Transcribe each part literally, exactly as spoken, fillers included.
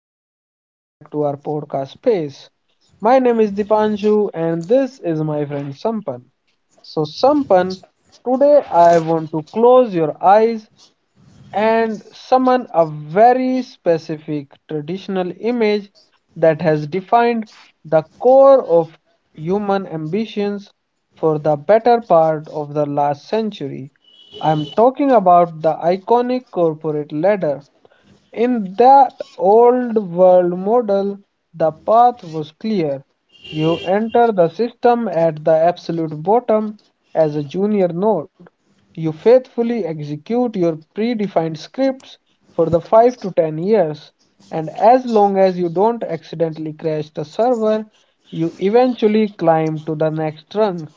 and welcome back to our podcast space. My name is Dipanshu, and this is my friend Sampan. So, Sampan, today I want to close your eyes and summon a very specific traditional image that has defined the core of human ambitions for the better part of the last century. I am talking about the iconic corporate ladder in that old world model, the path was clear. You enter the system at the absolute bottom as a junior node. You faithfully execute your predefined scripts for the five to ten years, and as long as you don't accidentally crash the server, you eventually climb to the next rung.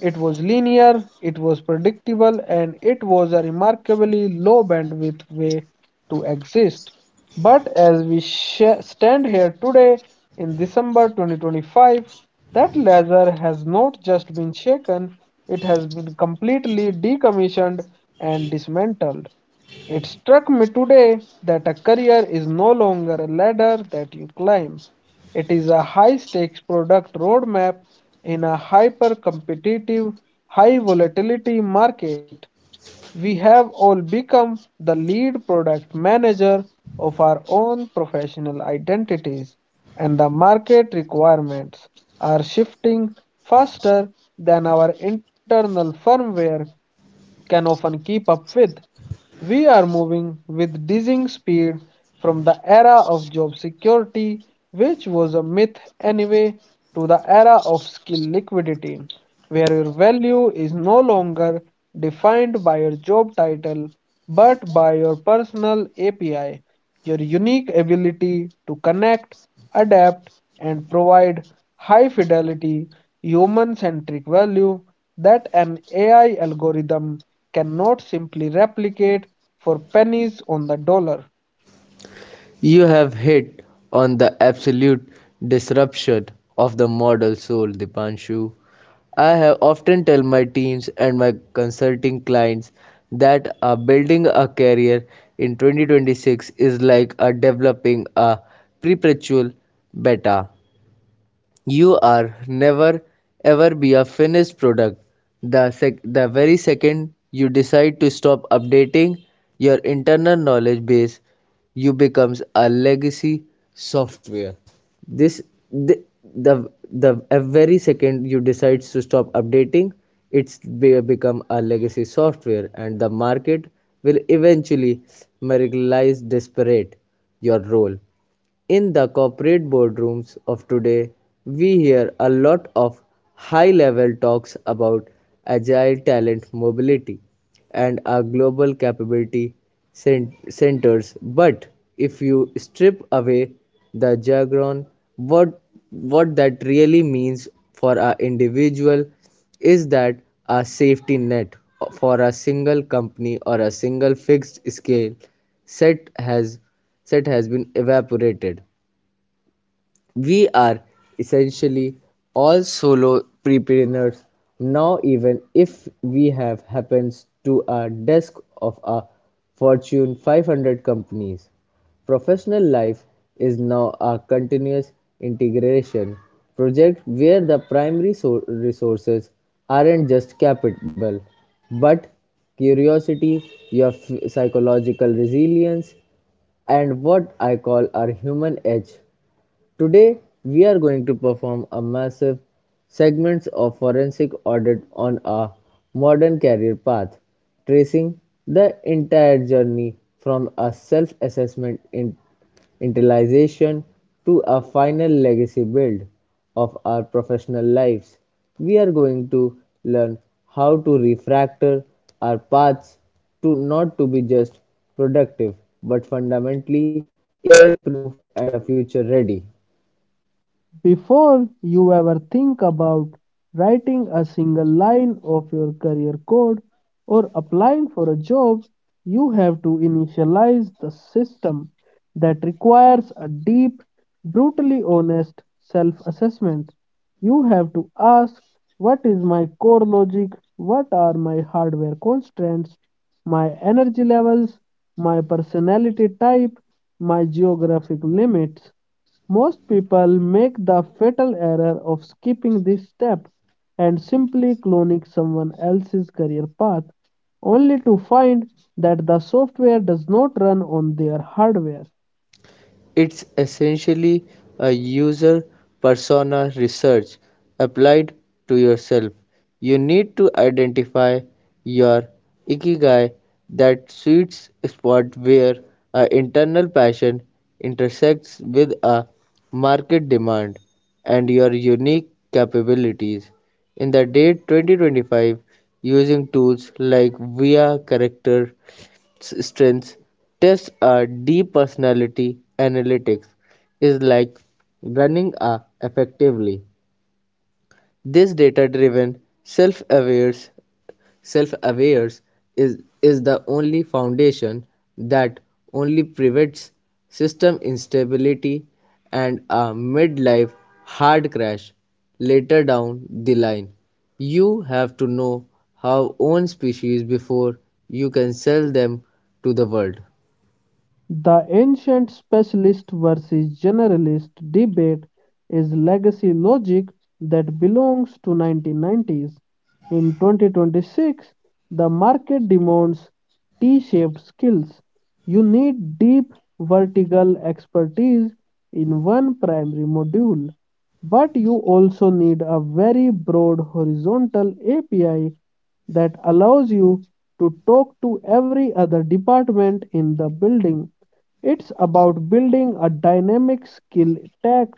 It was linear, it was predictable, and it was a remarkably low bandwidth way to exist. But as we sh- stand here today in December twenty twenty-five, that laser has not just been shaken, it has been completely decommissioned and dismantled. It struck me today that a career is no longer a ladder that you climb. It is a high-stakes product roadmap in a hyper-competitive, high-volatility market. We have all become the lead product manager of our own professional identities, and the market requirements are shifting faster than our internal firmware can often keep up with. We are moving with dizzying speed from the era of job security, which was a myth anyway, to the era of skill liquidity, where your value is no longer defined by your job title but by your personal A P I. Your unique ability to connect, adapt, and provide high fidelity, human centric value that an A I algorithm cannot simply replicate for pennies on the dollar. You have hit on the absolute disruption of the model soul, Dipanshu. I have often tell my teams and my consulting clients that uh, building a career in twenty twenty-six is like uh, developing a perpetual beta. You are never ever be a finished product. The, sec- the very second you decide to stop updating your internal knowledge base, you becomes a legacy software. This the the, the a very second you decide to stop updating, it's be- become a legacy software, and the market will eventually marginalize disparate your role. In the corporate boardrooms of today, we hear a lot of high level talks about agile talent mobility and our global capability cen- centers. But if you strip away the jargon, what, what that really means for our individual is that a safety net for a single company or a single fixed scale set has set has been evaporated. We are essentially all solopreneurs now, even if we have happens to a desk of a Fortune five hundred companies. Professional life is now a continuous integration project where the primary so- resources aren't just capital but curiosity, your f- psychological resilience, and what I call our human edge. Today we are going to perform a massive segments of forensic audit on a modern career path, tracing the entire journey from a self-assessment in internalization to a final legacy build of our professional lives. We are going to learn how to refactor our paths to not to be just productive but fundamentally A I proof and a future ready. Before you ever think about writing a single line of your career code or applying for a job, you have to initialize the system that requires a deep, brutally honest self assessment. You have to ask what is my core logic, what are my hardware constraints, my energy levels, my personality type, my geographic limits. Most people make the fatal error of skipping this step and simply cloning someone else's career path, only to find that the software does not run on their hardware. It's essentially a user persona research applied to yourself. You need to identify your ikigai, that sweet spot where a internal passion intersects with a market demand and your unique capabilities. In the date twenty twenty-five, using tools like V I A character strengths tests are deep personality analytics is like running a effectively this data driven self aware self aware is is the only foundation that only prevents system instability and a midlife hard crash later down the line. You have to know our own species before you can sell them to the world. The ancient specialist versus generalist debate is legacy logic that belongs to nineteen nineties. In twenty twenty-six, the market demands T-shaped skills. You need deep vertical expertise in one primary module, but you also need a very broad horizontal A P I that allows you to talk to every other department in the building. It's about building a dynamic skill stack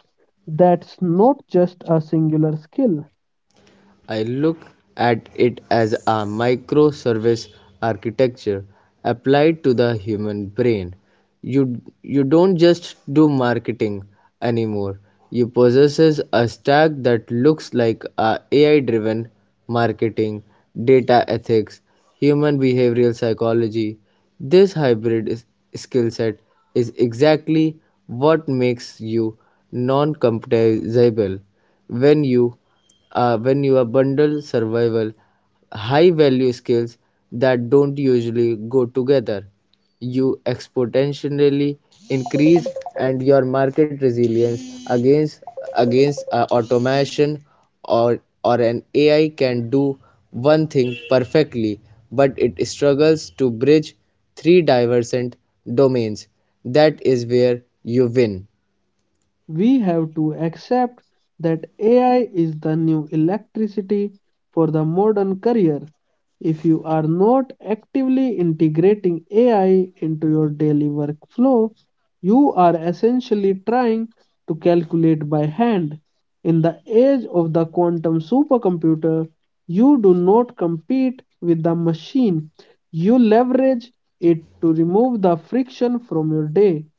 that's not just a singular skill. I look at it as a microservice architecture applied to the human brain. You, you don't just do marketing anymore. You possess a stack that looks like a AI driven marketing, data ethics, human behavioral psychology. This hybrid is, skill set is exactly what makes you non-compatible when you uh, when you bundle survival high value skills that don't usually go together. You exponentially increase and your market resilience against against uh, automation or or an A I can do one thing perfectly, but it struggles to bridge three divergent domains. That is where you win. We have to accept that A I is the new electricity for the modern career. If you are not actively integrating A I into your daily workflow, you are essentially trying to calculate by hand. In the age of the quantum supercomputer, you do not compete with the machine, you leverage it to remove the friction from your day.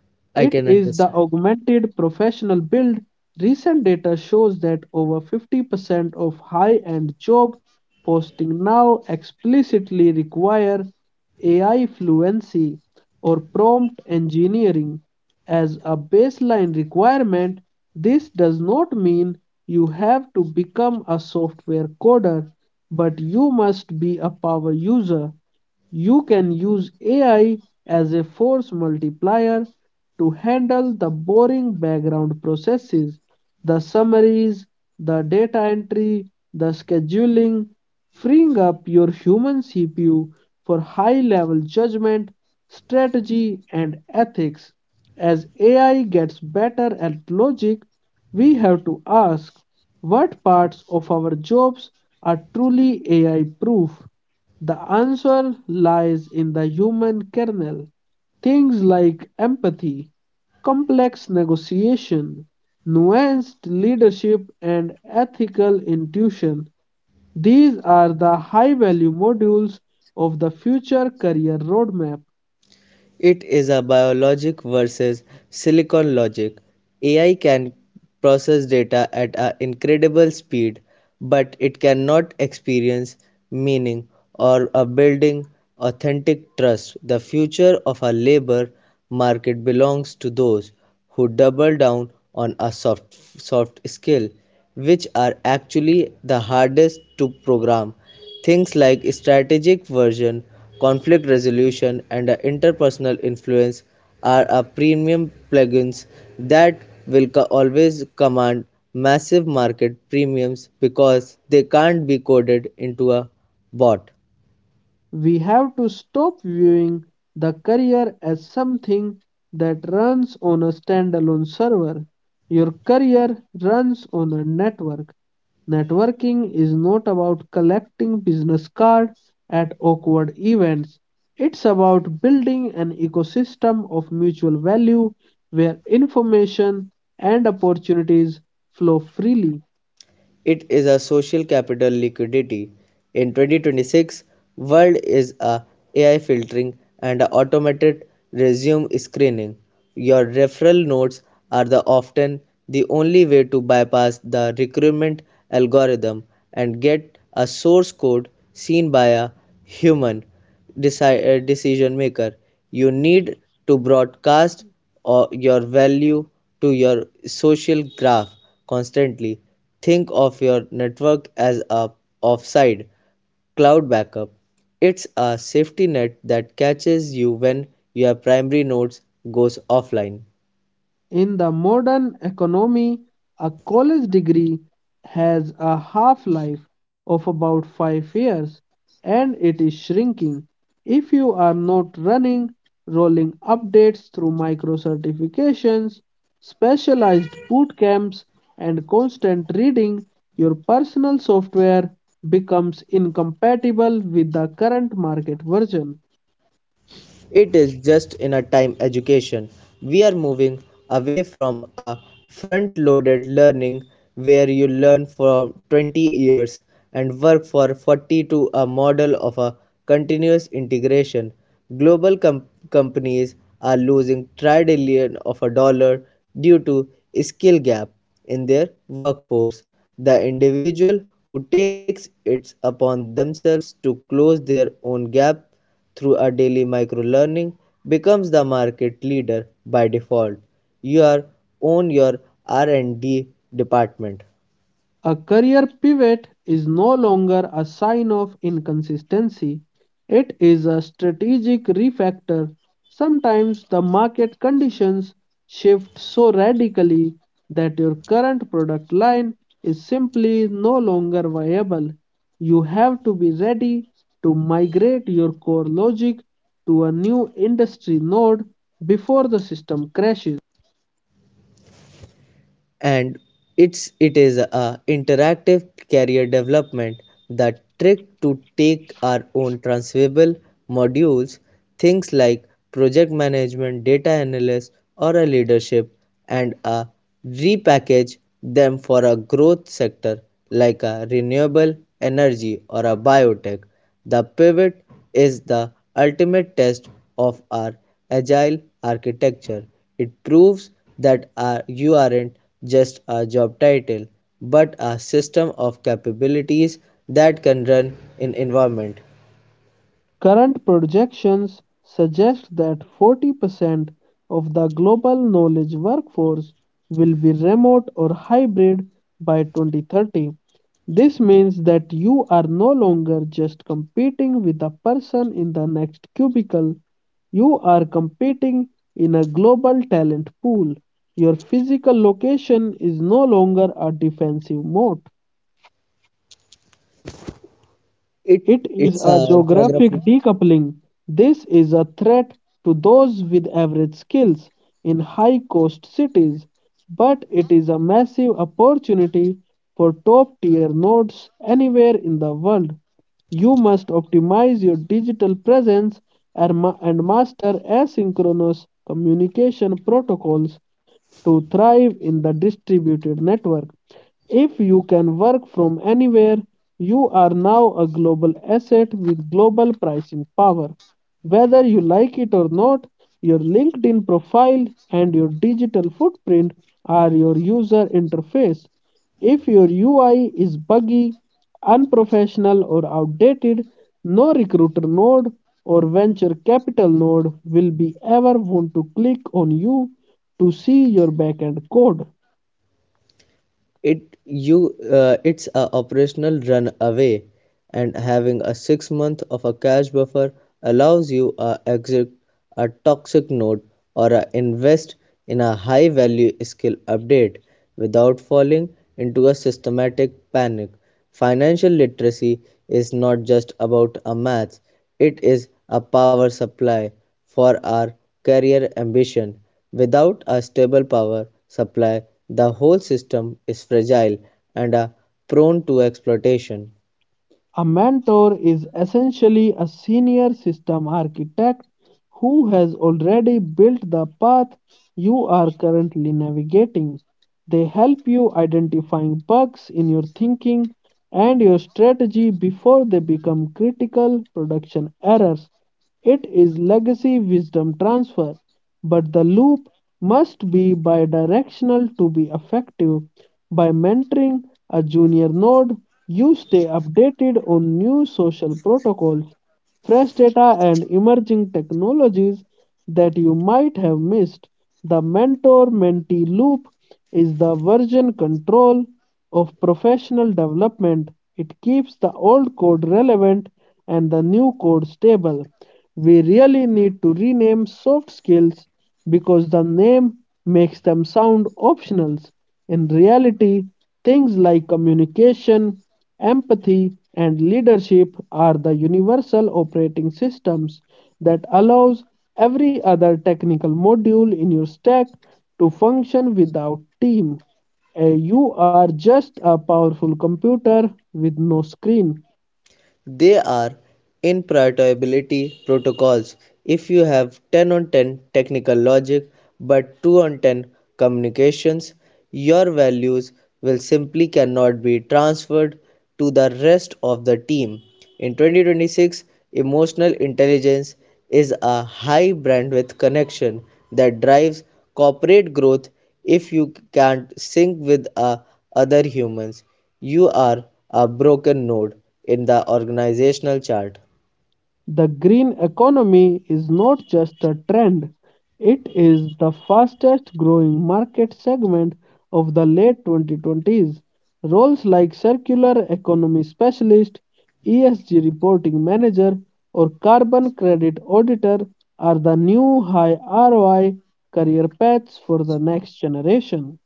It I is can the understand. augmented professional build. Recent data shows that over fifty percent of high end job posting now explicitly require A I fluency or prompt engineering as a baseline requirement. This does not mean you have to become a software coder, but you must be a power user. You can use A I as a force multiplier to handle the boring background processes, the summaries, the data entry, the scheduling, freeing up your human C P U for high level judgment, strategy, and ethics. As A I gets better at logic, we have to ask what parts of our jobs are truly A I proof. The answer lies in the human kernel. Things like empathy, complex negotiation, nuanced leadership, and ethical intuition. These are the high value modules of the future career roadmap. It is a biologic versus silicon logic. A I can process data at an incredible speed, but it cannot experience meaning or a building authentic trust. The future of our labor market belongs to those who double down on a soft soft skill, which are actually the hardest to program. Things like strategic version, conflict resolution, and uh, interpersonal influence are a premium plugins that will co- always command massive market premiums because they can't be coded into a bot. We have to stop viewing the career as something that runs on a standalone server. Your career runs on a network. Networking is not about collecting business cards at awkward events. It's about building an ecosystem of mutual value where information and opportunities flow freely. It is a social capital liquidity. In twenty twenty-six, world is a AI filtering and a automated resume screening. Your referral notes are the often the only way to bypass the recruitment algorithm and get a source code seen by a human. Decide uh, decision maker, you need to broadcast or your value to your social graph constantly. Think of your network as a offside cloud backup. It's a safety net that catches you when your primary nodes goes offline. In the modern economy, a college degree has a half life of about five years and it is shrinking. If you are not running rolling updates through micro certifications, specialized boot camps, and constant reading, your personal software becomes incompatible with the current market version. It is just in a time education. We are moving away from a front loaded learning where you learn for twenty years and work for forty to a model of a continuous integration. Global com- companies are losing trillion of a dollar due to skill gap in their workforce. The individual who takes it upon themselves to close their own gap through a daily microlearning becomes the market leader by default. You are own your R and D department, A career pivot is no longer a sign of inconsistency, it is a strategic refactor. Sometimes the market conditions shift so radically that your current product line is simply no longer viable. You have to be ready to migrate your core logic to a new industry node before the system crashes. and it's it is a interactive career development. The trick to take our own transferable modules, things like project management data analysis or a leadership, and uh, repackage them for a growth sector like a renewable energy or a biotech. The pivot is the ultimate test of our agile architecture. It proves that our, you aren't just a job title, but a system of capabilities that can run in environment. Current projections suggest that forty percent of the global knowledge workforce will be remote or hybrid by twenty thirty. This means that you are no longer just competing with the person in the next cubicle, you are competing in a global talent pool. Your physical location is no longer a defensive moat. It, It is it's a a geographic geography. decoupling. This is a threat to those with average skills in high cost cities, but it is a massive opportunity for top tier nodes anywhere in the world. You must optimize your digital presence and ma- and master asynchronous communication protocols to thrive in the distributed network. If you can work from anywhere, you are now a global asset with global pricing power. Whether you like it or not, your LinkedIn profile and your digital footprint are your user interface. If your U I is buggy, unprofessional, or outdated, no recruiter node or venture capital node will be ever want to click on you to see your backend code. It you uh, it's a operational run away, and having a six month of a cash buffer allows you a exit a toxic note or a invest in a high value skill update without falling into a systematic panic. Financial literacy is not just about a math, it is a power supply for our career ambition. Without a stable power supply, the whole system is fragile and are prone to exploitation. A mentor is essentially a senior system architect who has already built the path you are currently navigating. They help you identifying bugs in your thinking and your strategy before they become critical production errors. It is legacy wisdom transfer but the loop must be bidirectional to be effective. By mentoring a junior node, you stay updated on new social protocols, fresh data, and emerging technologies that you might have missed. The mentor mentee loop is the version control of professional development. It keeps the old code relevant and the new code stable. We really need to rename soft skills because the name makes them sound optional. In reality, things like communication, empathy, and leadership are the universal operating systems that allows every other technical module in your stack to function without team. Uh, you are just a powerful computer with no screen. They are interoperability protocols. If you have ten on ten technical logic but two on ten communications, your values will simply cannot be transferred to the rest of the team. In twenty twenty-six, emotional intelligence is a high bandwidth connection that drives corporate growth. If you can't sync with uh, other humans, you are a broken node in the organizational chart. The green economy is not just a trend, it is the fastest growing market segment of the late twenty twenties. Roles like circular economy specialist, E S G reporting manager, or carbon credit auditor are the new high R O I career paths for the next generation.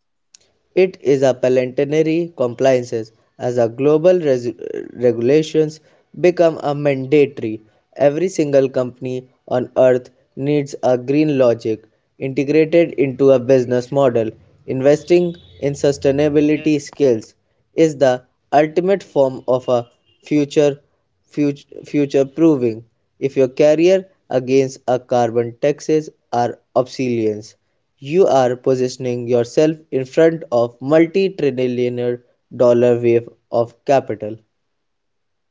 It is a planetary compliance as a global res- regulations become a mandatory. Every single company on earth needs a green logic integrated into a business model. Investing in sustainability skills is the ultimate form of a future future future proving. If your career against a carbon taxes are obsolescence, you are positioning yourself in front of multi-trillionaire dollar wave of capital.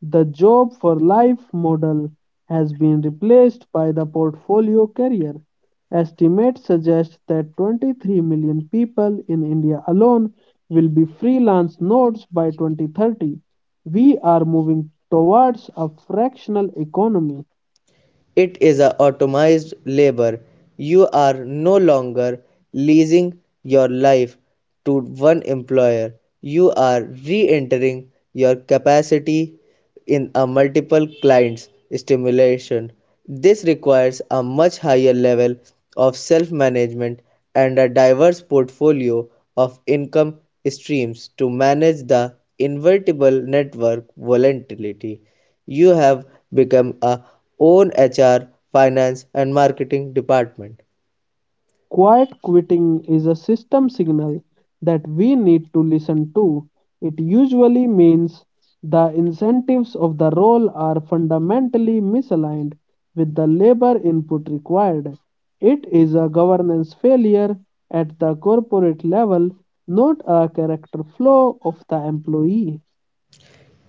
The job for life model has been replaced by the portfolio career. Estimates suggest that twenty-three million people in India alone will be freelance nodes by twenty thirty. We are moving towards a fractional economy. It is a automated labor. You are no longer leasing your life to one employer. You are re-entering your capacity in a multiple clients stimulation. This requires a much higher level of self management and a diverse portfolio of income streams to manage the inevitable network volatility. You have become a own H R, finance and marketing department. Quiet quitting is a system signal that we need to listen to. It usually means the incentives of the role are fundamentally misaligned with the labor input required. It is a governance failure at the corporate level, not a character flaw of the employee.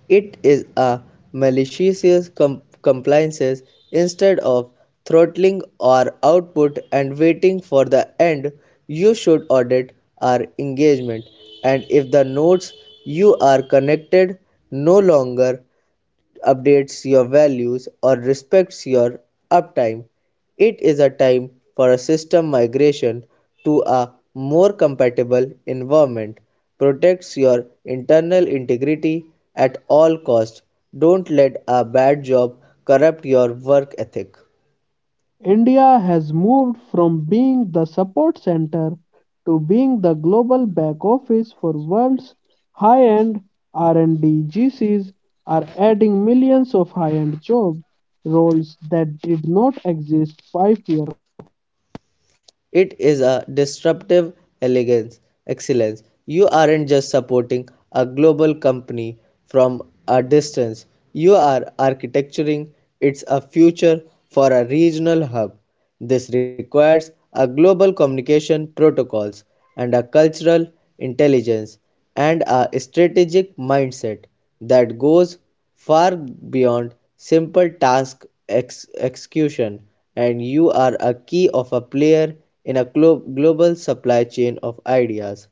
It is a malicious com- compliances instead of throttling our output and waiting for the end. You should audit our engagement, and if the nodes you are connected no longer updates your values or respects your uptime. It is a time for a system migration to a more compatible environment. Protects your internal integrity at all costs. Don't let a bad job corrupt your work ethic. India has moved from being the support center to being the global back office for world's high-end R and D. G Cs are adding millions of high-end job roles that did not exist five years. It is a disruptive elegance excellence. You aren't just supporting a global company from a distance. You are architecturing its a future for a regional hub. This requires a global communication protocols and a cultural intelligence and a strategic mindset that goes far beyond simple task ex- execution, and you are a key of a player in a glo- global supply chain of ideas.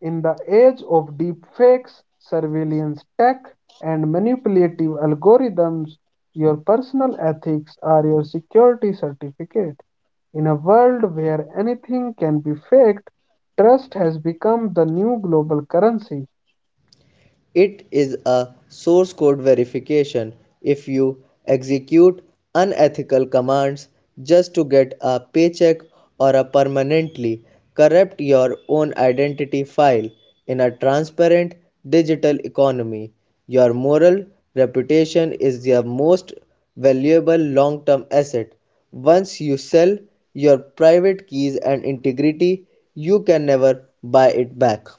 In the age of deepfakes, surveillance tech, and manipulative algorithms, your personal ethics are your security certificate. In a world where anything can be faked, trust has become the new global currency. It is a source code verification. If you execute unethical commands just to get a paycheck or a permanently corrupt your own identity file in a transparent digital economy. Your moral reputation is your most valuable long term asset. Once you sell your private keys and integrity, you can never buy it back.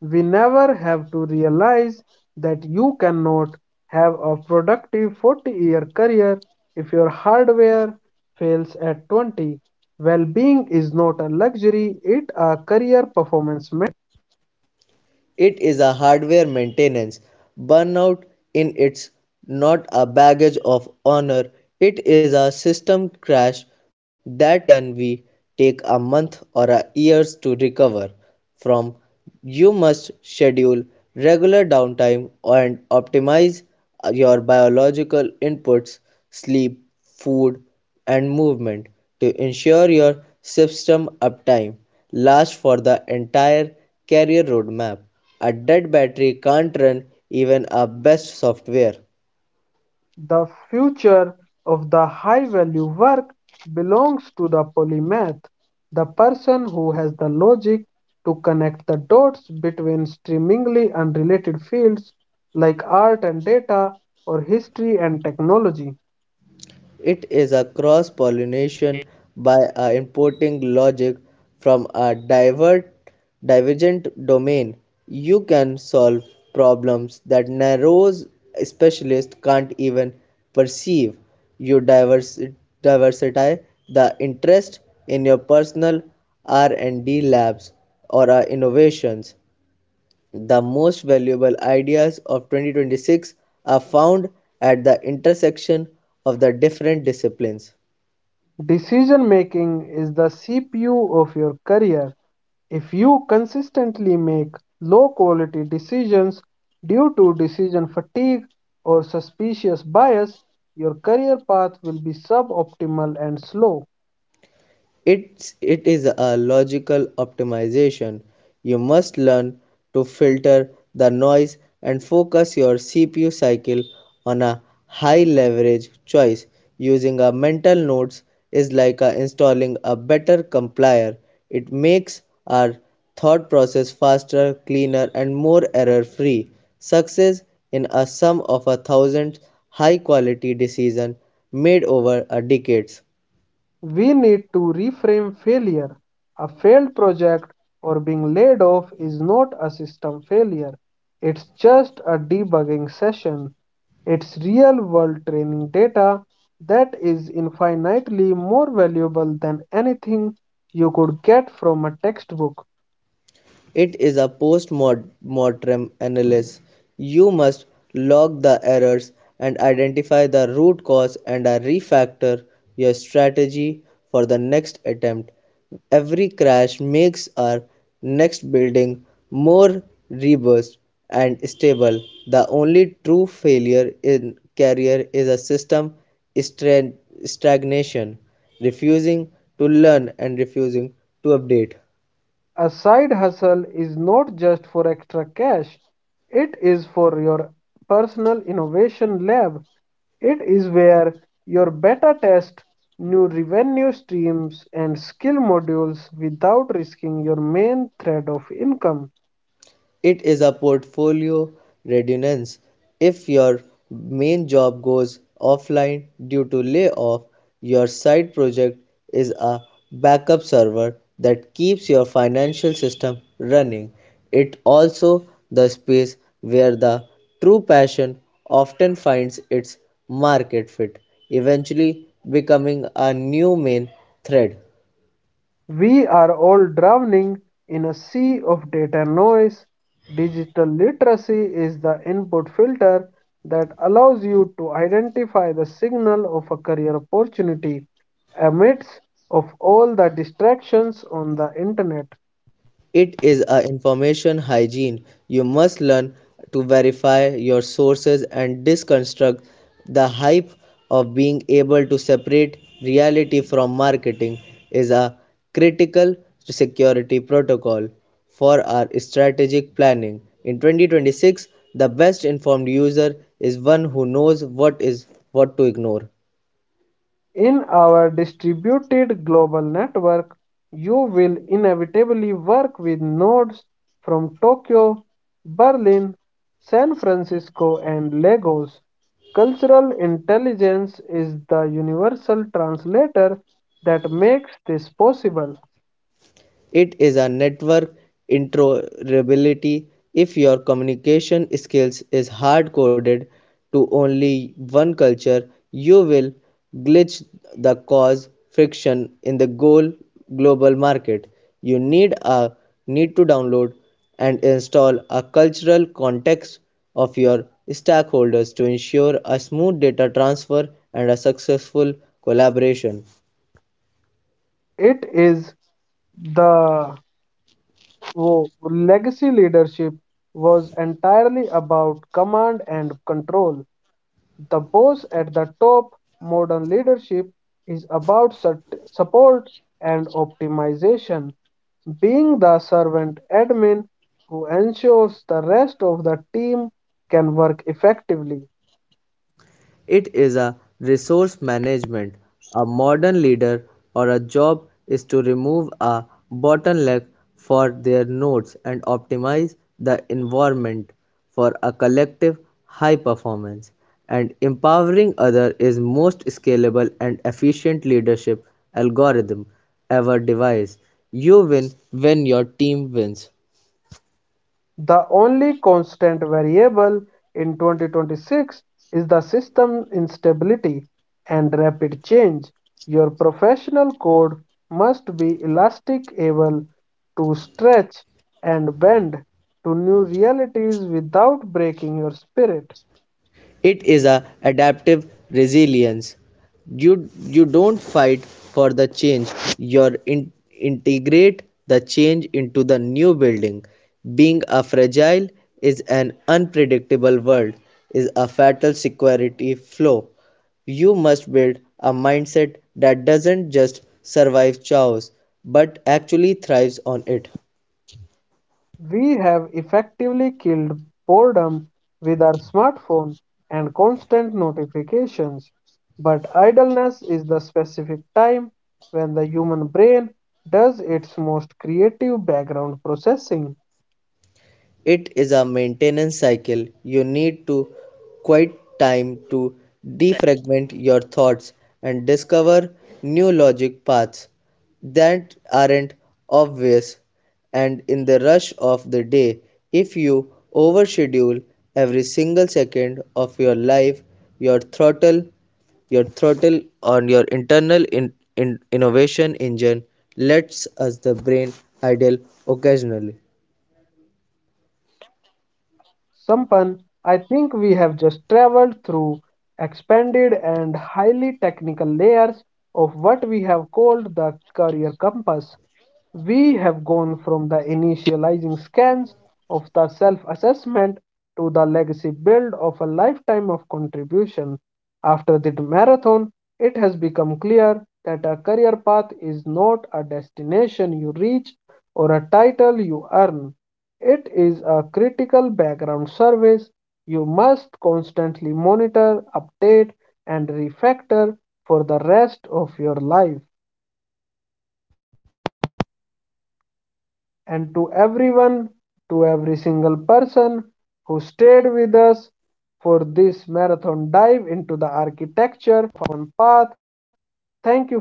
We never have to realize that you cannot have a productive forty year career if your hardware fails at twenty. Well being is not a luxury, it a career performance. It is a hardware maintenance burnout in it's not a baggage of honor. It is a system crash that can be take a month or a years to recover from. You must schedule regular downtime and optimize your biological inputs, sleep, food and movement to ensure your system uptime last for the entire career roadmap. A dead battery can't run even our best software. The future of the high value work belongs to the polymath, the person who has the logic to connect the dots between seemingly unrelated fields like art and data or history and technology. It is a cross pollination by uh, importing logic from a divert, divergent domain. You can solve problems that narrow specialists can't even perceive. You divers- diversify the interest in your personal R and D labs or uh, innovations. The most valuable ideas of twenty twenty-six are found at the intersection of the different disciplines. Decision making is the C P U of your career. If you consistently make low quality decisions due to decision fatigue or suspicious bias, your career path will be suboptimal and slow. it's it is a logical optimization. You must learn to filter the noise and focus your C P U cycle on a high leverage choice. Using a mental nodes is like a installing a better compiler. It makes our thought process faster cleaner and more error free success in a sum of a thousand high quality decisions made over a decades. We need to reframe failure. A failed project or being laid off is not a system failure. It's just a debugging session. It's real world training data that is infinitely more valuable than anything you could get from a textbook. It is a post-mortem analysis. You must log the errors and identify the root cause and refactor your strategy for the next attempt. Every crash makes our next building more robust and stable. The only true failure in career is a system stagnation, refusing to learn and refusing to update. A side hustle is not just for extra cash, it is for your personal innovation lab. It is where your beta test new revenue streams and skill modules without risking your main thread of income. It is a portfolio redundancy. If your main job goes offline due to layoff, your side project is a backup server that keeps your financial system running. It also the space where the true passion often finds its market fit, eventually becoming a new main thread. We are all drowning in a sea of data noise. Digital literacy is the input filter that allows you to identify the signal of a career opportunity amidst of all the distractions on the internet. It is a information hygiene. You must learn to verify your sources and deconstruct the hype of being able to separate reality from marketing is a critical security protocol for our strategic planning. In twenty twenty-six, the best informed user is one who knows what is what to ignore. In our distributed global network, you will inevitably work with nodes from Tokyo, Berlin, San Francisco, and Lagos. Cultural intelligence is the universal translator that makes this possible. It is a network interoperability. If your communication skills is hard coded to only one culture, you will glitch the cause friction in the goal global market. You need a need to download and install a cultural context of your stakeholders to ensure a smooth data transfer and a successful collaboration. It is the wo- Legacy leadership was entirely about command and control. The boss at the top, modern leadership is about su- support and optimization, being the servant admin who ensures the rest of the team can work effectively. It is a resource management. A modern leader or a job is to remove a bottleneck for their nodes and optimize the environment for a collective high performance. And empowering other is most scalable and efficient leadership algorithm ever devised. You win when your team wins. The only constant variable in twenty twenty-six is the system instability and rapid change. Your professional code must be elastic, able to stretch and bend to new realities without breaking your spirit. It is a adaptive resilience. You you don't fight for the change. You in, integrate the change into the new building. Being a fragile is an unpredictable world is a fatal security flaw. You must build a mindset that doesn't just survive chaos but actually thrives on it. We have effectively killed boredom with our smartphone and constant notifications. But idleness is the specific time when the human brain does its most creative background processing. It is a maintenance cycle. You need to quite time to defragment your thoughts and discover new logic paths that aren't obvious and in the rush of the day if you overschedule Sampan, I think we have just traveled through expanded and highly technical layers of what we have called the career compass. We have gone from the initializing scans of the self assessment to the legacy build of a lifetime of contribution. After the marathon, it has become clear that a career path is not a destination you reach or a title you earn. It is a critical background service you must constantly monitor, update, and refactor for the rest of your life. And to everyone, to every single person who stayed with us for this marathon dive into the architecture on path.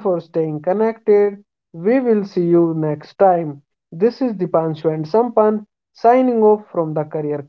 Thank you for staying connected. We will see you next time. This is Dipanshu and Sampan signing off from the Career